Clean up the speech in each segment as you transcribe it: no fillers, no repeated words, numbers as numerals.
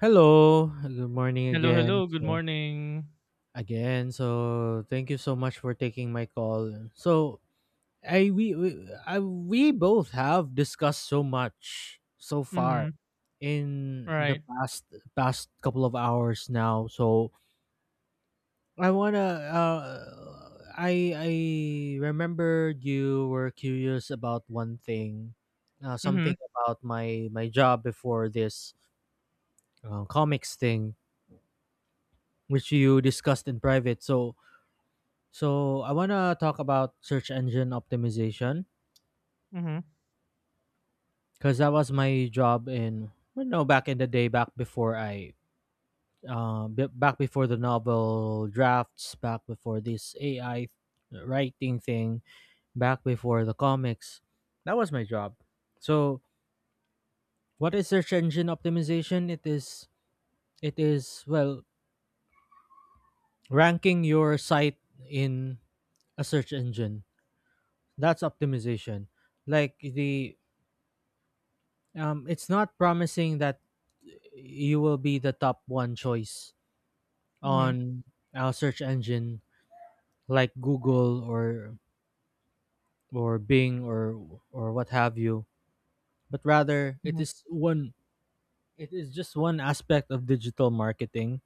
Hello, good morning Hello, again. hello. Good So morning. again, so thank you so much for taking my call. So I we, I, we both have discussed so much so far Mhm. in the Right. past couple of hours now. So I wanna I I remembered you were curious about one thing, something Mhm. about my job before this comics thing, which you discussed in private. So I wanna talk about search engine optimization Mhm. because that was my job in back in the day, back before back before the novel drafts, back before this AI writing thing, back before the comics. That was my job. So what is search engine optimization? It is ranking your site in a search engine. That's optimization. Like the It's not promising that you will be the top one choice Mhm. on a search engine like Google or Bing or what have you. But rather, it Mhm. is one. It is just one aspect of digital marketing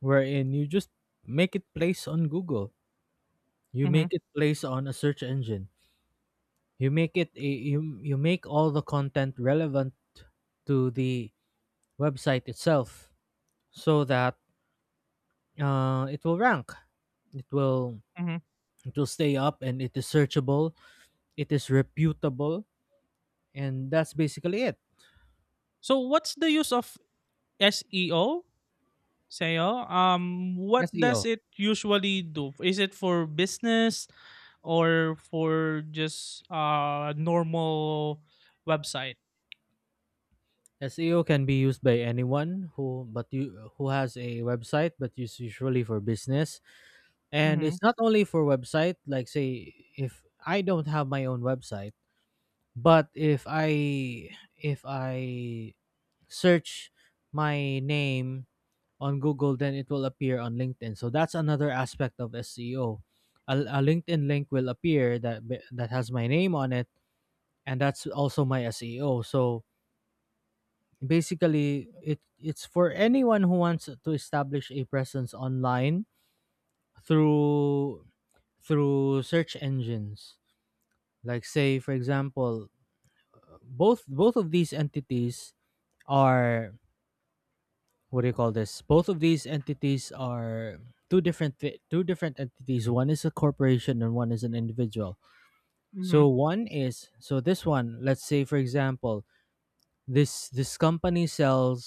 wherein you just make it place on Google. You Mhm. make it place on a search engine. You make it a, you make all the content relevant to the website itself so that uh, it will rank it will Mhm. it will stay up, and it is searchable, it is reputable, and that's basically it. So what's the use of SEO? SEO? What seo does it usually do? Is it for business or for just normal website? seo can be used by anyone who has a website, but it's usually for business. And Mhm. it's not only for website, like say if I don't have my own website but if i search my name on Google, then it will appear on LinkedIn. So that's another aspect of SEO. A LinkedIn link will appear that has my name on it, and that's also my SEO. So basically, it's for anyone who wants to establish a presence online through through search engines. Like say, for example, both of these entities are what do you call this? Both of these entities are two different entities. One is a corporation and one is an individual. Mhm. So one is so this one. Let's say for example, this company sells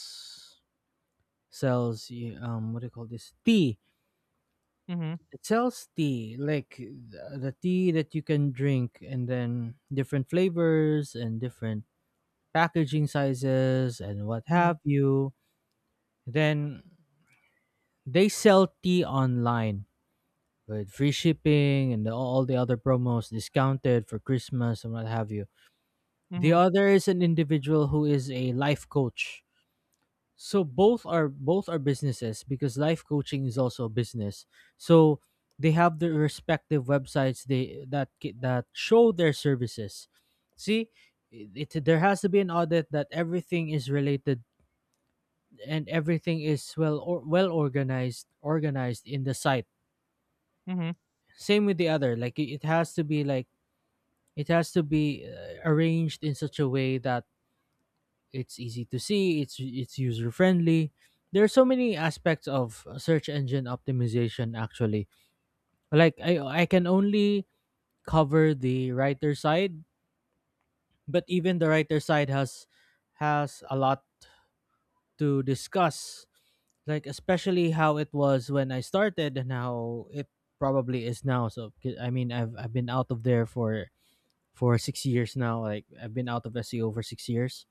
sells what do you call this, tea. Mhm. It sells tea like the tea that you can drink, and then different flavors and different packaging sizes and what Mhm. have you. Then they sell tea online with free shipping and all the other promos discounted for Christmas and what have you. The Mhm. other is an individual who is a life coach. So both are businesses, because life coaching is also a business. So they have their respective websites that show their services. See, it there has to be an audit that everything is related and everything is well organized in the site. Mhm. Same with the other, like it has to be like it has to be arranged in such a way that it's easy to see, it's user friendly. There are so many aspects of search engine optimization actually. Like I can only cover the writer side, but even the writer side has a lot to discuss. Like especially how it was when I started and how it probably is now. So I mean, I've been out of there for 6 years now. Like I've been out of SEO for 6 years.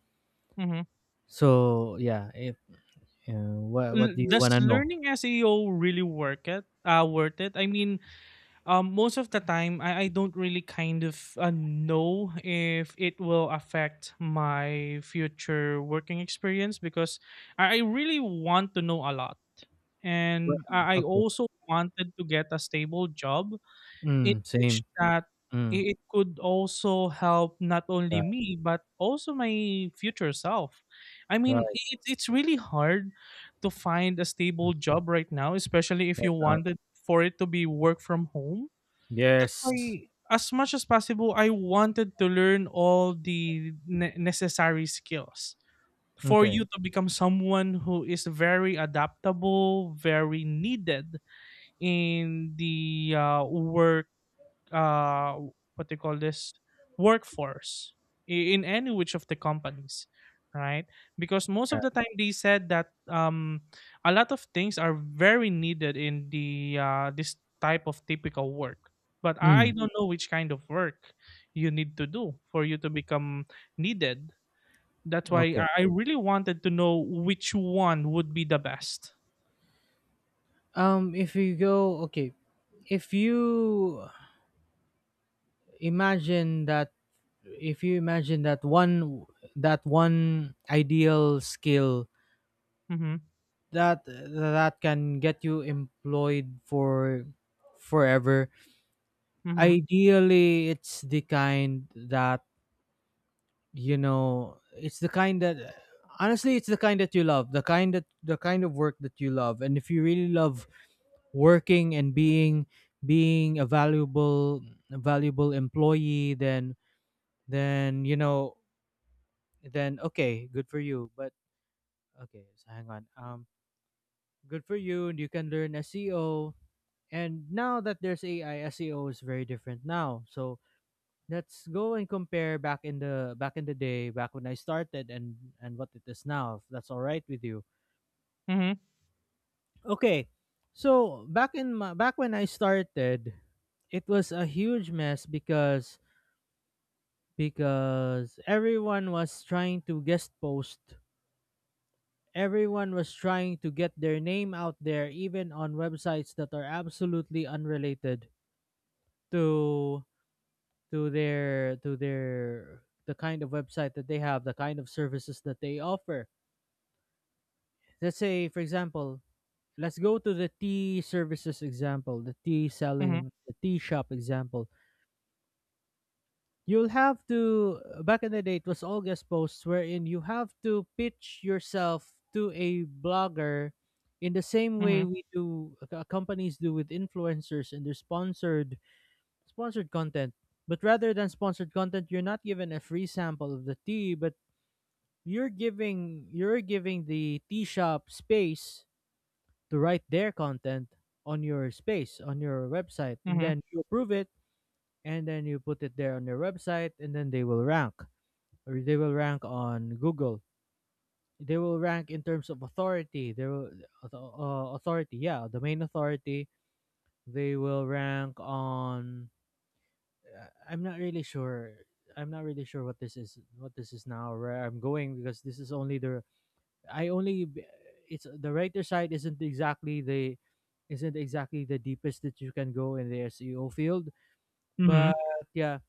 Mhm. So yeah, if uh, what do you Does wanna know? learning SEO really work it? Uh, worth it? I mean, most of the time, I don't really kind of know if it will affect my future working experience because I really want to know a lot. Well, And I okay. also wanted to get a stable job in Mm, which same. that Mm, it could also help not only right, me, but also my future self. I mean, right, it's really hard to find a mm, stable job right now, especially if right you now. wanted for it to be work from home. That's Yes. why, as much as possible, I wanted to learn all the necessary skills for you Okay. to become someone who is very adaptable, very needed in the work, uh what they call this, workforce, in any which of the companies, right? Because most Yeah. of the time they said that a lot of things are very needed in the this type of typical work, but I Mm, don't know which kind of work you need to do for you to become needed. That's why okay. I really wanted to know which one would be the best. If you go, okay, if you imagine that, if you imagine that one ideal skill Mm-hmm. that can get you employed for forever. Mm-hmm. Ideally, it's the kind that it's the kind that honestly it's the kind that you love, the kind that the kind of work that you love. And if you really love working and being being a valuable employee, then then okay, good for you. But okay, so hang on, good for you. And you can learn SEO, and now that there's AI, SEO is very different now. So let's go and compare back in the day, back when I started, and what it is now, if that's all right with you. Mm-hmm. Okay. So, back in my, back when I started, it was a huge mess because everyone was trying to guest post. Everyone was trying to get their name out there, even on websites that are absolutely unrelated to their the kind of website that they have, the kind of services that they offer. Let's say for example, let's go to the tea services example, the tea selling, the tea shop example. You'll have to back in the day it was all guest posts, wherein you have to pitch yourself to a blogger in the same way Mm-hmm. we do companies do with influencers and their sponsored content. But rather than sponsored content, you're not given a free sample of the tea, but you're giving the tea shop space to write their content on your space, on your website, Mm-hmm. and Mm-hmm. then you approve it. And then you put it there on your website, and then they will rank, or they will rank on Google. They will rank in terms of authority. They will authority, yeah, domain authority. They will rank on I'm not really sure. What this is, what this is now, where I'm going, because this is only the I only b- it's the writer side isn't exactly the deepest that you can go in the SEO field, but Mm-hmm. yeah,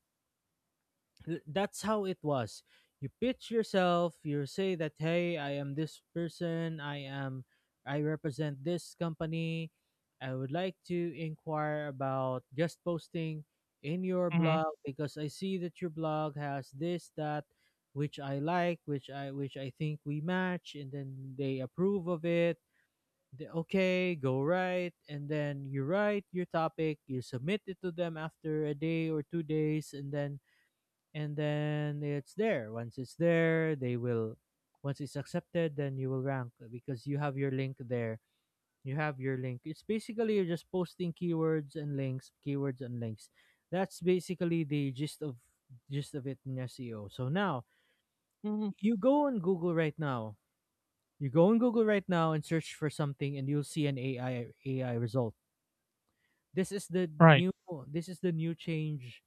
That's how it was. You pitch yourself, you say that, hey, I am this person, I represent this company, I would like to inquire about guest posting in your blog Mm-hmm. because I see that your blog has this, that, which I like, which I think we match, and then they approve of it. They, okay, go right, and then you write your topic, you submit it to them after a day or 2 days, and then it's there. Once it's there, they will once it's accepted, then you will rank because you have your link there. You have your link. It's basically you're just posting keywords and links, keywords and links. That's basically the gist of it in SEO. So now Mm-hmm. you go on Google right now, and search for something, and you'll see an AI result. This is the Right. new change,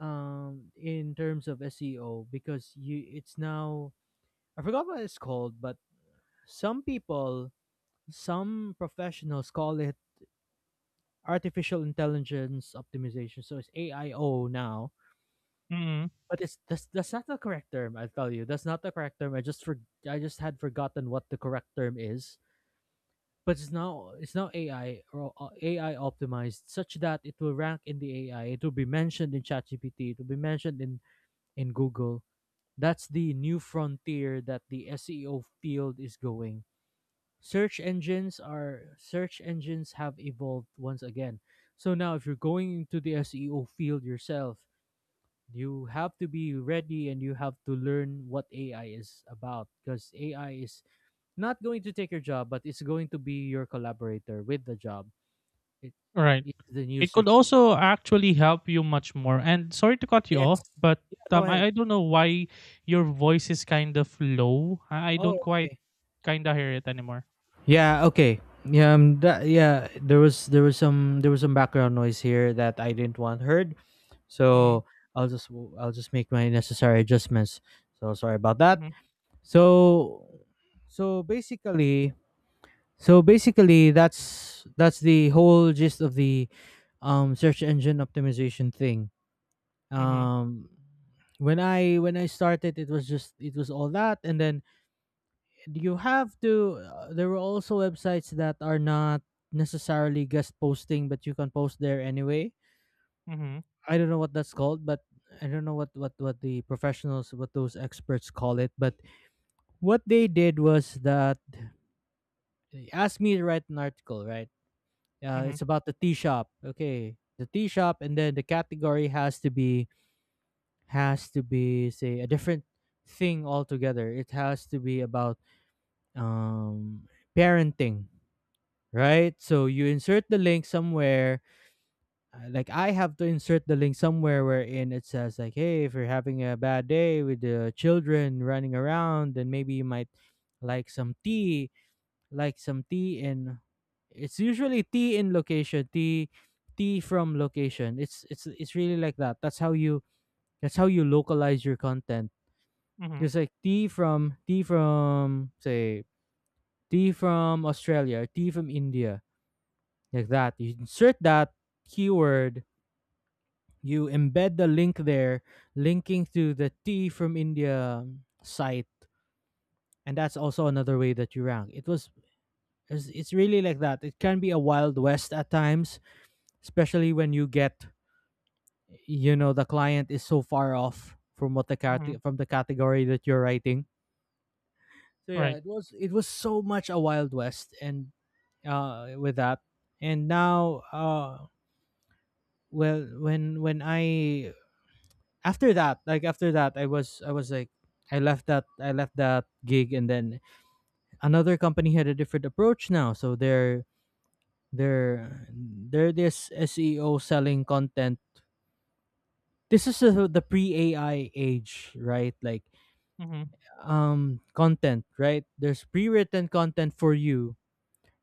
in terms of SEO, because you it's now I forgot what it's called, but some people, some professionals call it artificial intelligence optimization. So it's AIO now. Mhm. But it's that's not the correct term, I'll tell you. That's not the correct term. I just had forgotten what the correct term is. But it's now AI, or AI optimized, such that it will rank in the AI. It will be mentioned in ChatGPT. It will be mentioned in Google. That's the new frontier that the SEO field is going. Search engines are search engines have evolved once again. So now if you're going into the SEO field yourself, you have to be ready, and you have to learn what AI is about, because AI is not going to take your job, but it's going to be your collaborator with the job. It, Right. It is the new It could search. also actually help you much more. And sorry to cut you Yes. off, but Go ahead. I don't know why your voice is kind of low. I don't Oh, quite okay. kind of hear it anymore. Yeah, okay. Yeah, that, yeah, there was there was some background noise here that I didn't want heard. Mm-hmm. So, I'll just I'll just make my necessary adjustments. So, sorry about that. Mm-hmm. So, so basically, so basically that's the whole gist of the search engine optimization thing. Mm-hmm. Um when I started, it was just, it was all that. And then you have to there are also websites that are not necessarily guest posting, but you can post there anyway. Mm-hmm. I don't know what that's called, but I don't know what the professionals, what those experts call it. But what they did was that they asked me to write an article, right? Mm-hmm. It's about the tea shop, okay, the tea shop. And then the category has to be say a different thing altogether. It has to be about um parenting, right? So you insert the link somewhere. Like I have to insert the link somewhere wherein it says, like, hey, if you're having a bad day with the children running around, then maybe you might like some tea, like some tea in. It's usually tea in location, tea, tea from location. It's really like that. That's how you localize your content. Mm-hmm. Just like tea from Australia, tea from India like that. You insert that keyword, you embed the link there, linking to the tea from India site, and that's also another way that you rank. It's really like that. It can be a wild west at times, especially when you get the client is so far off from Mm-hmm. from the category that you're writing. Right. it was so much a wild west and with that. And now when I, after that, after that I was like I left that gig, and then another company had a different approach now. So they're they're this SEO selling content. This is the pre-AI age, right? Mm-hmm. Content, right? There's pre-written content for you.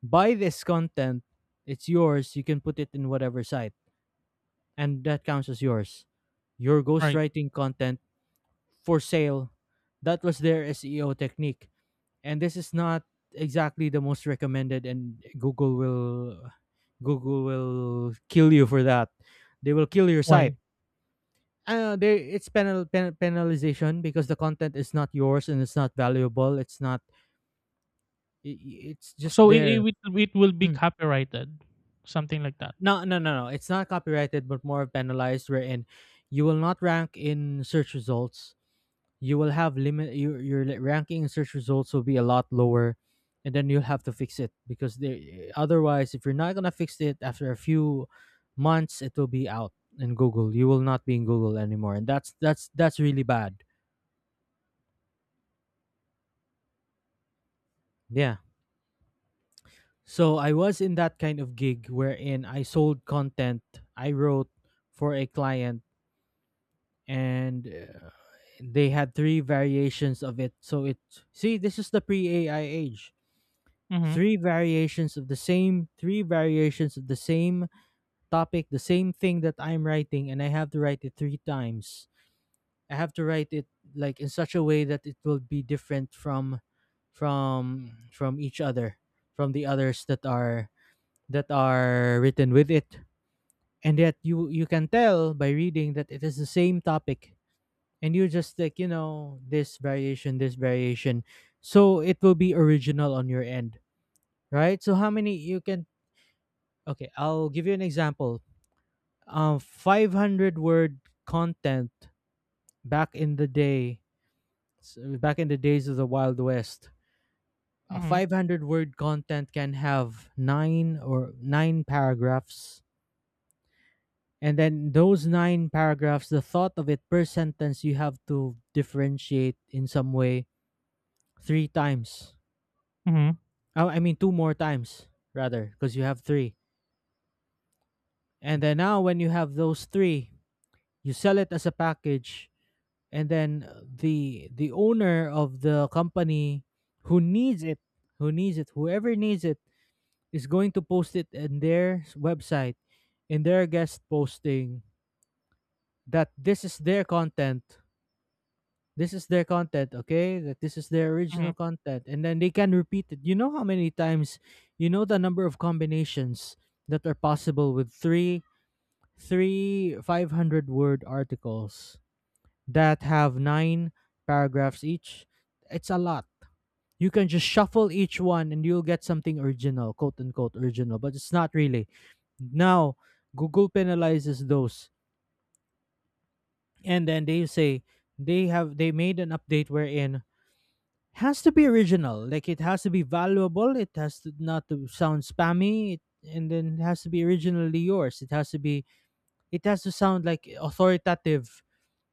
Buy this content, it's yours, you can put it in whatever site, and that counts as yours, your Right. ghostwriting content for sale. That was their SEO technique, and this is not exactly the most recommended, and Google will kill you for that. They will kill your site. Why? It's penalization, because the content is not yours and it's not valuable. It's not I- I- It's just So it, it there. it it will be Mm. copyrighted, something like that. No, no, no, no, it's not copyrighted, but more penalized, wherein you will not rank in search results. You will have limit your li- ranking in search results will be a lot lower, and then you'll have to fix it, because they otherwise, if you're not going to fix it, after a few months it will be out. In Google, you will not be in Google anymore, and that's really bad. Yeah. So I was in that kind of gig, wherein I sold content. I wrote for a client, and they had three variations of it. See, this is the pre ai age. Mm-hmm. Three variations of the same topic, the same thing that I'm writing, and I have to write it three times. I have to write it like in such a way that it will be different from each other, from the others that are written with it. And yet you can tell by reading that it is the same topic, and you just, like, you know, this variation, this variation. So it will be original on your end, right? So how many you can… Okay, I'll give you an example. 500 word content back in the day, back in the days of the Wild West, a Mm-hmm. 500 word content can have nine paragraphs. And then those nine paragraphs, the thought of it per sentence, you have to differentiate in some way three times. Mm-hmm. Oh, I mean, two more times, rather, because you have three. And then now, when you have those three, you sell it as a package. And then the owner of the company who needs it whoever needs it is going to post it in website, in their guest posting, that this is their content. Okay, that this is their Mm-hmm. original content, and then they can repeat it, you know, how many times. You know, the number of combinations that are possible with three, 500 word articles that have nine paragraphs each. It's a lot. You can just shuffle each one and you'll get something original, quote unquote original, but it's not really. Now, Google penalizes those. And then they say they made an update wherein has to be original. Like, it has to be valuable, it has to not to sound spammy, and then it has to be originally yours. It has to be, it has to sound like authoritative.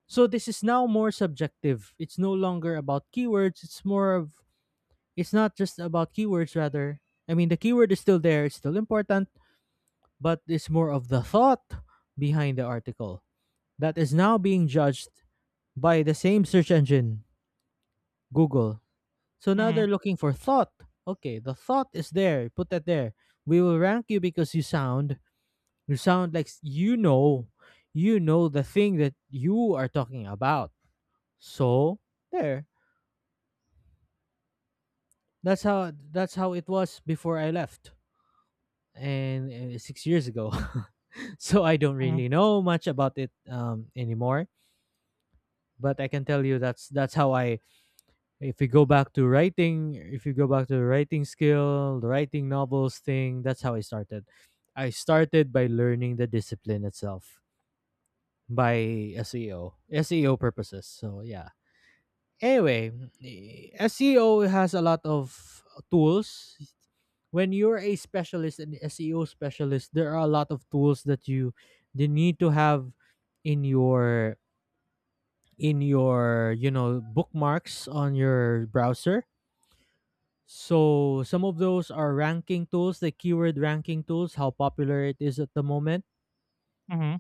So this is now more subjective. It's no longer about keywords. It's more of It's not just about keywords rather. I mean, the keyword is still there, it's still important, but it's more of the thought behind the article that is now being judged by the same search engine, Google. So now Mm-hmm. they're looking for thought. Okay, the thought is there. Put that there. We will rank you because you sound like you know, you know the thing that you are talking about. So there. That's how it was before I left, and six years ago. So I don't Mm-hmm. really know much about it anymore. But I can tell you that's how I… If you go back to writing, if you go back to the writing skill, the writing novels thing, that's how I started. I started by learning the discipline itself by SEO purposes. So yeah. Anyway, SEO has a lot of tools. When you're a specialist, and SEO specialist, there are a lot of tools that you need to have in your in your, you know, bookmarks on your browser. So some of those are ranking tools, the keyword ranking tools, how popular it is at the moment. Mm-hmm.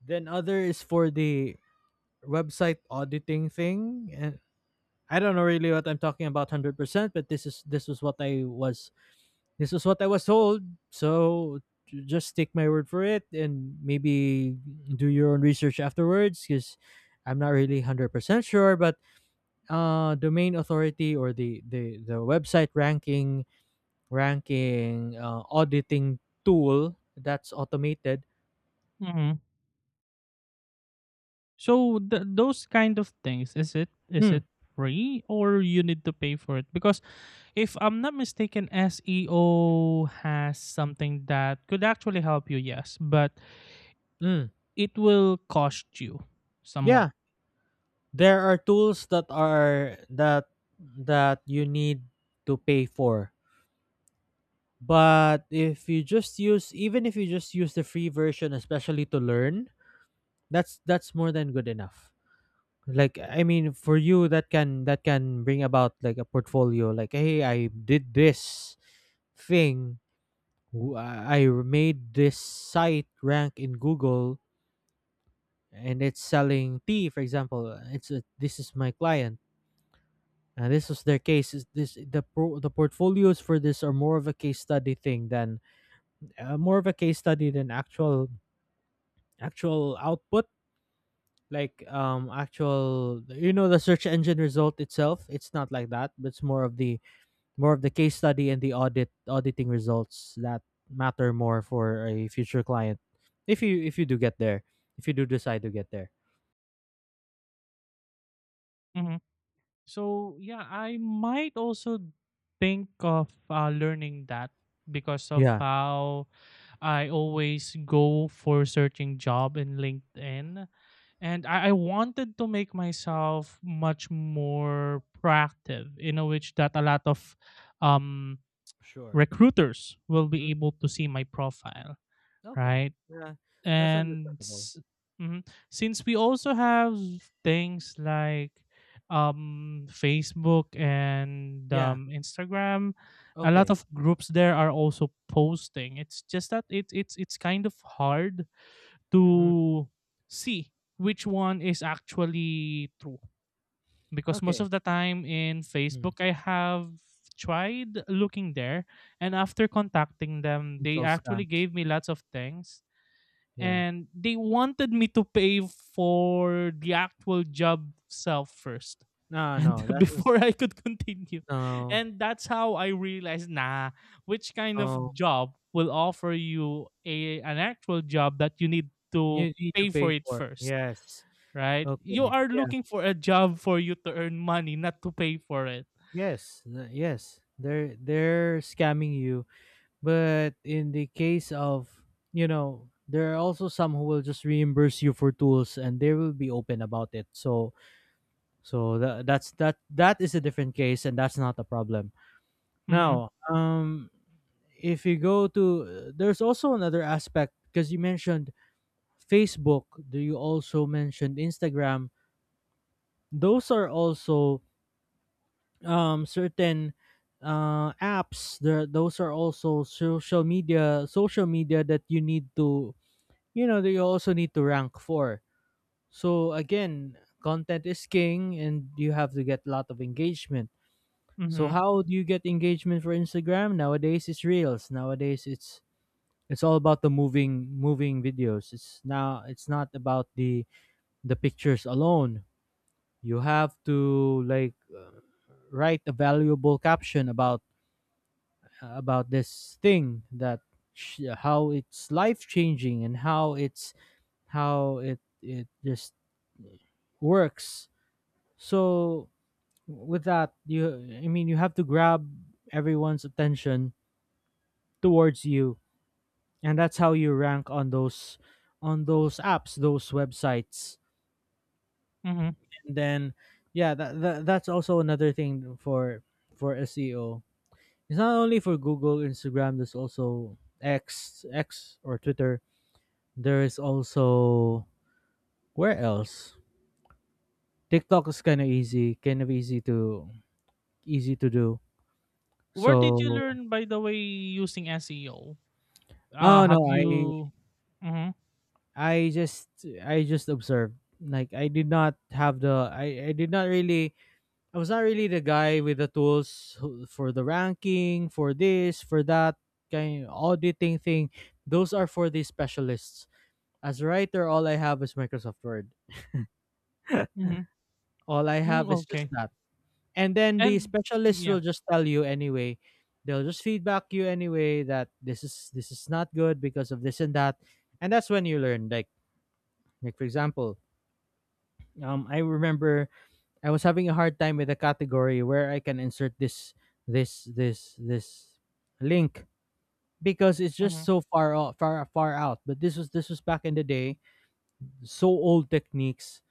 Then other is for the website auditing thing, and I don't know really what I'm talking about 100%, but this is this was what I was told. So just take my word for it, and maybe do your own research afterwards, cuz I'm not really 100% sure. But domain authority, or the website ranking, auditing tool that's automated. Mm-hmm. So those kind of things, is Mm. it free or you need to pay for it? Because if I'm not mistaken, SEO has something that could actually help you, yes, but Mm. it will cost you somewhat. Yeah, there are tools that that you need to pay for. But if you just use, even if you just use the free version, especially to learn, that's more than good enough. Like, I mean, for you that can, that can bring about like a portfolio, like, hey, I did this thing. I made this site rank in Google, and it's selling tea, for example. This is my client. And this is their case. Is The portfolios for this are more of a case study thing than, more of a case study than actual output, like, actual, you know, the search engine result itself, it's not like that, but it's more of the, more of the case study and the auditing results that matter more for a future client, if you, if you do get there, if you do decide to get there. Mhm. So yeah, I might also think of learning that because of Yeah. how I always go for searching job in LinkedIn, and I wanted to make myself much more proactive in a which that a lot of um, Sure. recruiters will be Mm, able to see my profile, okay. right? Yeah, that's And understandable. Mhm. Since we also have things like Facebook and Yeah. Instagram, a lot Okay. of groups there are also posting. It's just that it's it's kind of hard Mm, to see which one is actually true. Because most okay. of the time in Mm. Facebook, I have tried looking there, and after contacting them, It's they all actually scams. gave me lots of things Yeah. and they wanted me to pay for the actual job self first, No, and no, that's just… before I could continue, no, and that's how I realized, nah, which kind of no, job will offer you a an actual job that you need to you need to pay pay for it for it, first? yes. Right, you Okay. are Yeah. looking for a job for you to earn money, not to pay for it. Yes, yes. They're scamming you. But in the case of, you know, there are also some who will just reimburse you for tools and they will be open about it. So that that's that is a different case, and that's not a problem. Mhm. Now, if you go to, there's also another aspect, because you mentioned Facebook, do you also mentioned Instagram? Those are also certain apps there, those are also social media that you need to, you know, that you also need to rank for. So again, content is king, and you have to get a lot of engagement. So Mhm. how do you get engagement for Instagram? Nowadays it's reels, nowadays it's all about the moving videos. It's now, it's not about the pictures alone. You have to, like, write a valuable caption about, about this thing, that how it's life changing and how it's, how it, it just works. So with that, you I mean, you have to grab everyone's attention towards you, and that's how you rank on those, on those apps, those websites. Mhm. And then, yeah, that's also another thing for SEO. It's not only for Google, Instagram. There's also X, or Twitter. There is also, where else? TikTok is kind of easy to easy to do. Where did you So… learn, by the way, using SEO? Uh, Oh, have no, you? I just, I just observed. Like, I did not have the, I did not really, I was not really the guy with the tools, for the ranking, for this, for that kind of auditing thing. Those are for the specialists. As a writer, all I have is Microsoft Word. Mhm. All I Mm, have is just okay. that, and then the And mm, specialists yeah. will just tell you anyway. They'll just feedback you anyway that this is not good because of this and that, and that's when you learn. Like for example, I remember I was having a hard time with a category where I can insert this this link because it's just Mhm. so far off, far out. But this was back in the day, so old techniques.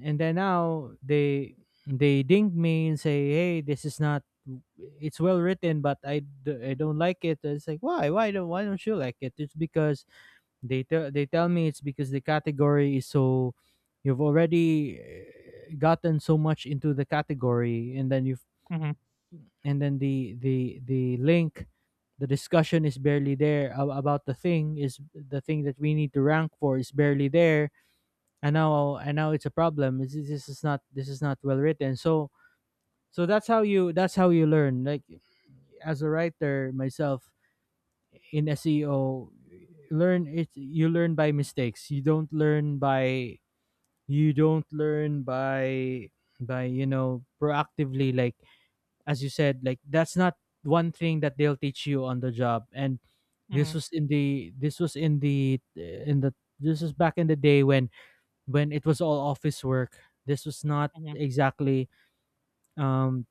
And then now they ding me and say, hey, this is not, it's well written, but I, I don't like it. And it's like, why don't you like it? It's because, they tell me it's because the category is so, you've already gotten so much into the category, and then you've, Mhm. and then the link, the discussion is barely there about the thing. Is the thing that we need to rank for is barely there, and now it's a problem. This is not this is not well written. So that's how you, that's how you learn. Like, as a writer myself in SEO, learn it. You learn by mistakes. You don't learn by, you don't learn by, by proactively. Like, as you said, like that's not one thing that they'll teach you on the job. And this Mhm. was in the, this was in the this was back in the day when it was all office work. This was not Mhm. exactly, um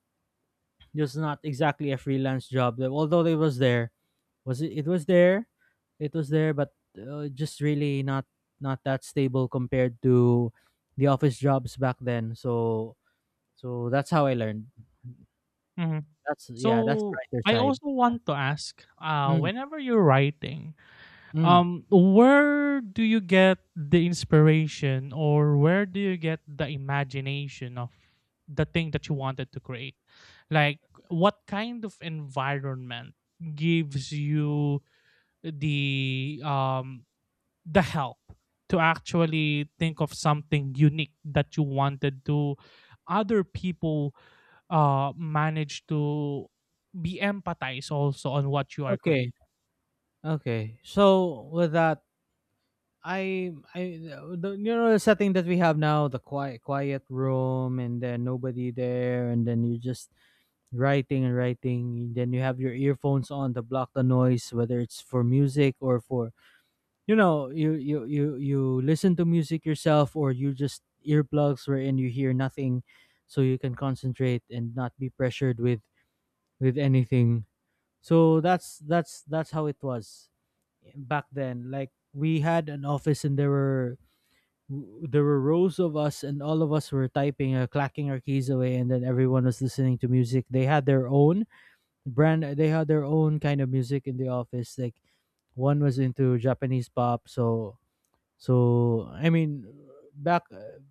this was not exactly a freelance job. Although it was there, was it? It was there, but just really not, not that stable compared to the office jobs back then. So that's how I learned. Mhm. That's, yeah, that's the So writer I side. also want to ask, Mm, whenever you're writing, mm. Where do you get the inspiration, or where do you get the imagination of the thing that you wanted to create? Like, what kind of environment gives you the um the help to actually think of something unique that you wanted to other people manage to be empathized also on what you are Okay, creating. okay. So with that, I the, you know, the setting that we have now, the quiet room, and then nobody there, and then you're just writing and writing. Then you have your earphones on to block the noise, whether it's for music or for, you know, you listen to music yourself, or you just earplugs wherein you hear nothing, so you can concentrate and not be pressured with anything. So that's that's how it was back then. Like, we had an office and there were, there were rows of us, and all of us were typing, clacking our keys away, and then everyone was listening to music. They had their own brand, they had their own kind of music in the office. Like, one was into Japanese pop. So, so back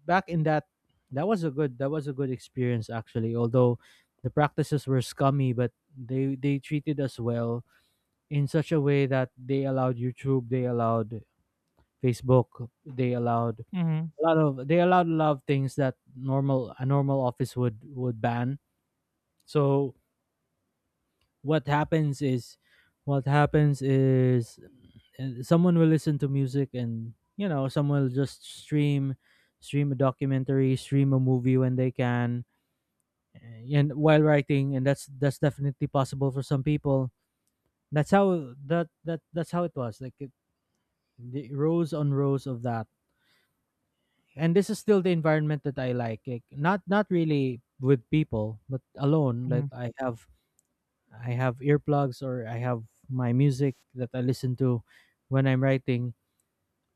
back in that, that was a good, that was a good experience actually, although the practices were scummy. But they treated us well in such a way that they allowed YouTube, they allowed Facebook, they allowed Mhm, a lot of, they allowed a lot of things that normal, a normal office would ban. So what happens is, what happens is someone will listen to music, and you know, someone will just stream, stream a documentary, stream a movie when they can, and while writing, and that's definitely possible for some people. That's how, that's how it was. Like, it, the rows on rows of that. And this is still the environment that I like. Like, not, not really with people, but alone. Like, mhm, I have earplugs, or I have my music that I listen to when I'm writing.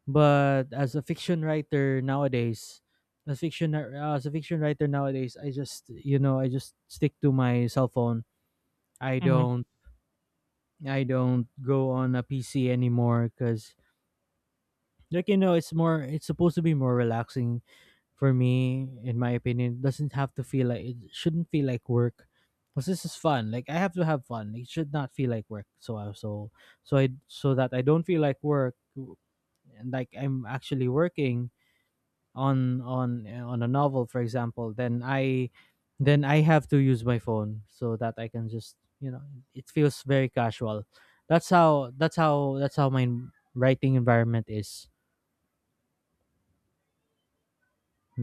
But as a fiction writer nowadays, as fiction, as a fiction writer nowadays, I just, you know, I just stick to my cell phone. I mhm. don't, I don't go on a PC anymore because, like, you know, it's more, it's supposed to be more relaxing for me. In my opinion, doesn't have to feel like, it shouldn't feel like work. Because this is fun. Like, I have to have fun. It should not feel like work. So so I so that I don't feel like work and like I'm actually working on a novel, for example, then I, then I have to use my phone so that I can just, you know, it feels very casual. That's how, that's how my writing environment is.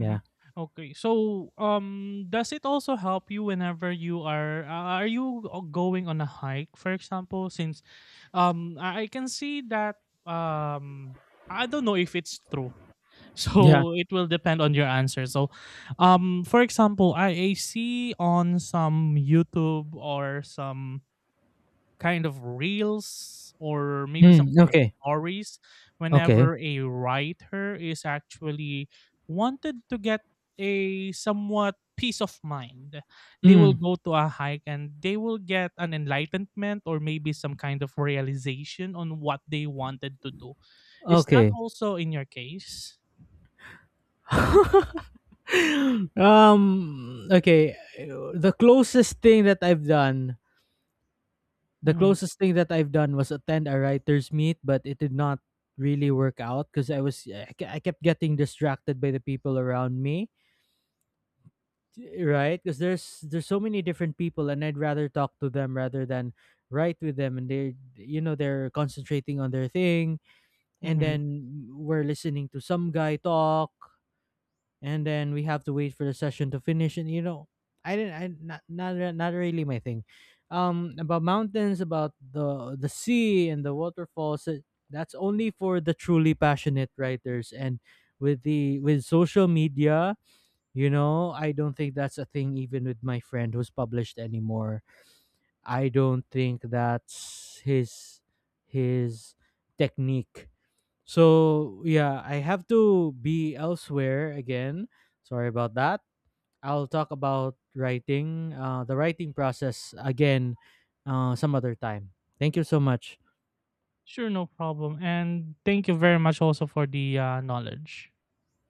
Mhm. Okay. So, does it also help you whenever you are you going on a hike, for example? Since, I can see that I don't know if it's true. Yeah. So it will depend on your answer. So, for example, I see on some YouTube or some kind of reels, or maybe some Mm, kind of okay. stories Okay. whenever a writer is actually wanted to get a somewhat peace of mind, they will Mm, go to a hike and they will get an enlightenment or maybe some kind of realization on what they wanted to do. Is that okay. also in your case? um okay, the closest thing that I've done, the Hmm. closest thing that I've done was attend a writers meet, but it did not really work out because I was, I kept getting distracted by the people around me, right? Because there's so many different people, and I'd rather talk to them rather than write with them. And they, you know, they're concentrating on their thing, and Hmm. then we're listening to some guy talk, and then we have to wait for the session to finish, and you know, I didn't, I not not, re- not really my thing. About mountains, about the sea, and the waterfalls, that's only for the truly passionate writers. And with the, with social media, you know, I don't think that's a thing even with my friend who's published anymore. I don't think that's his technique. So yeah, I have to be elsewhere again. Sorry about that. I'll talk about writing, the writing process again, some other time. Thank you so much. Sure, no problem, and thank you very much also for the knowledge.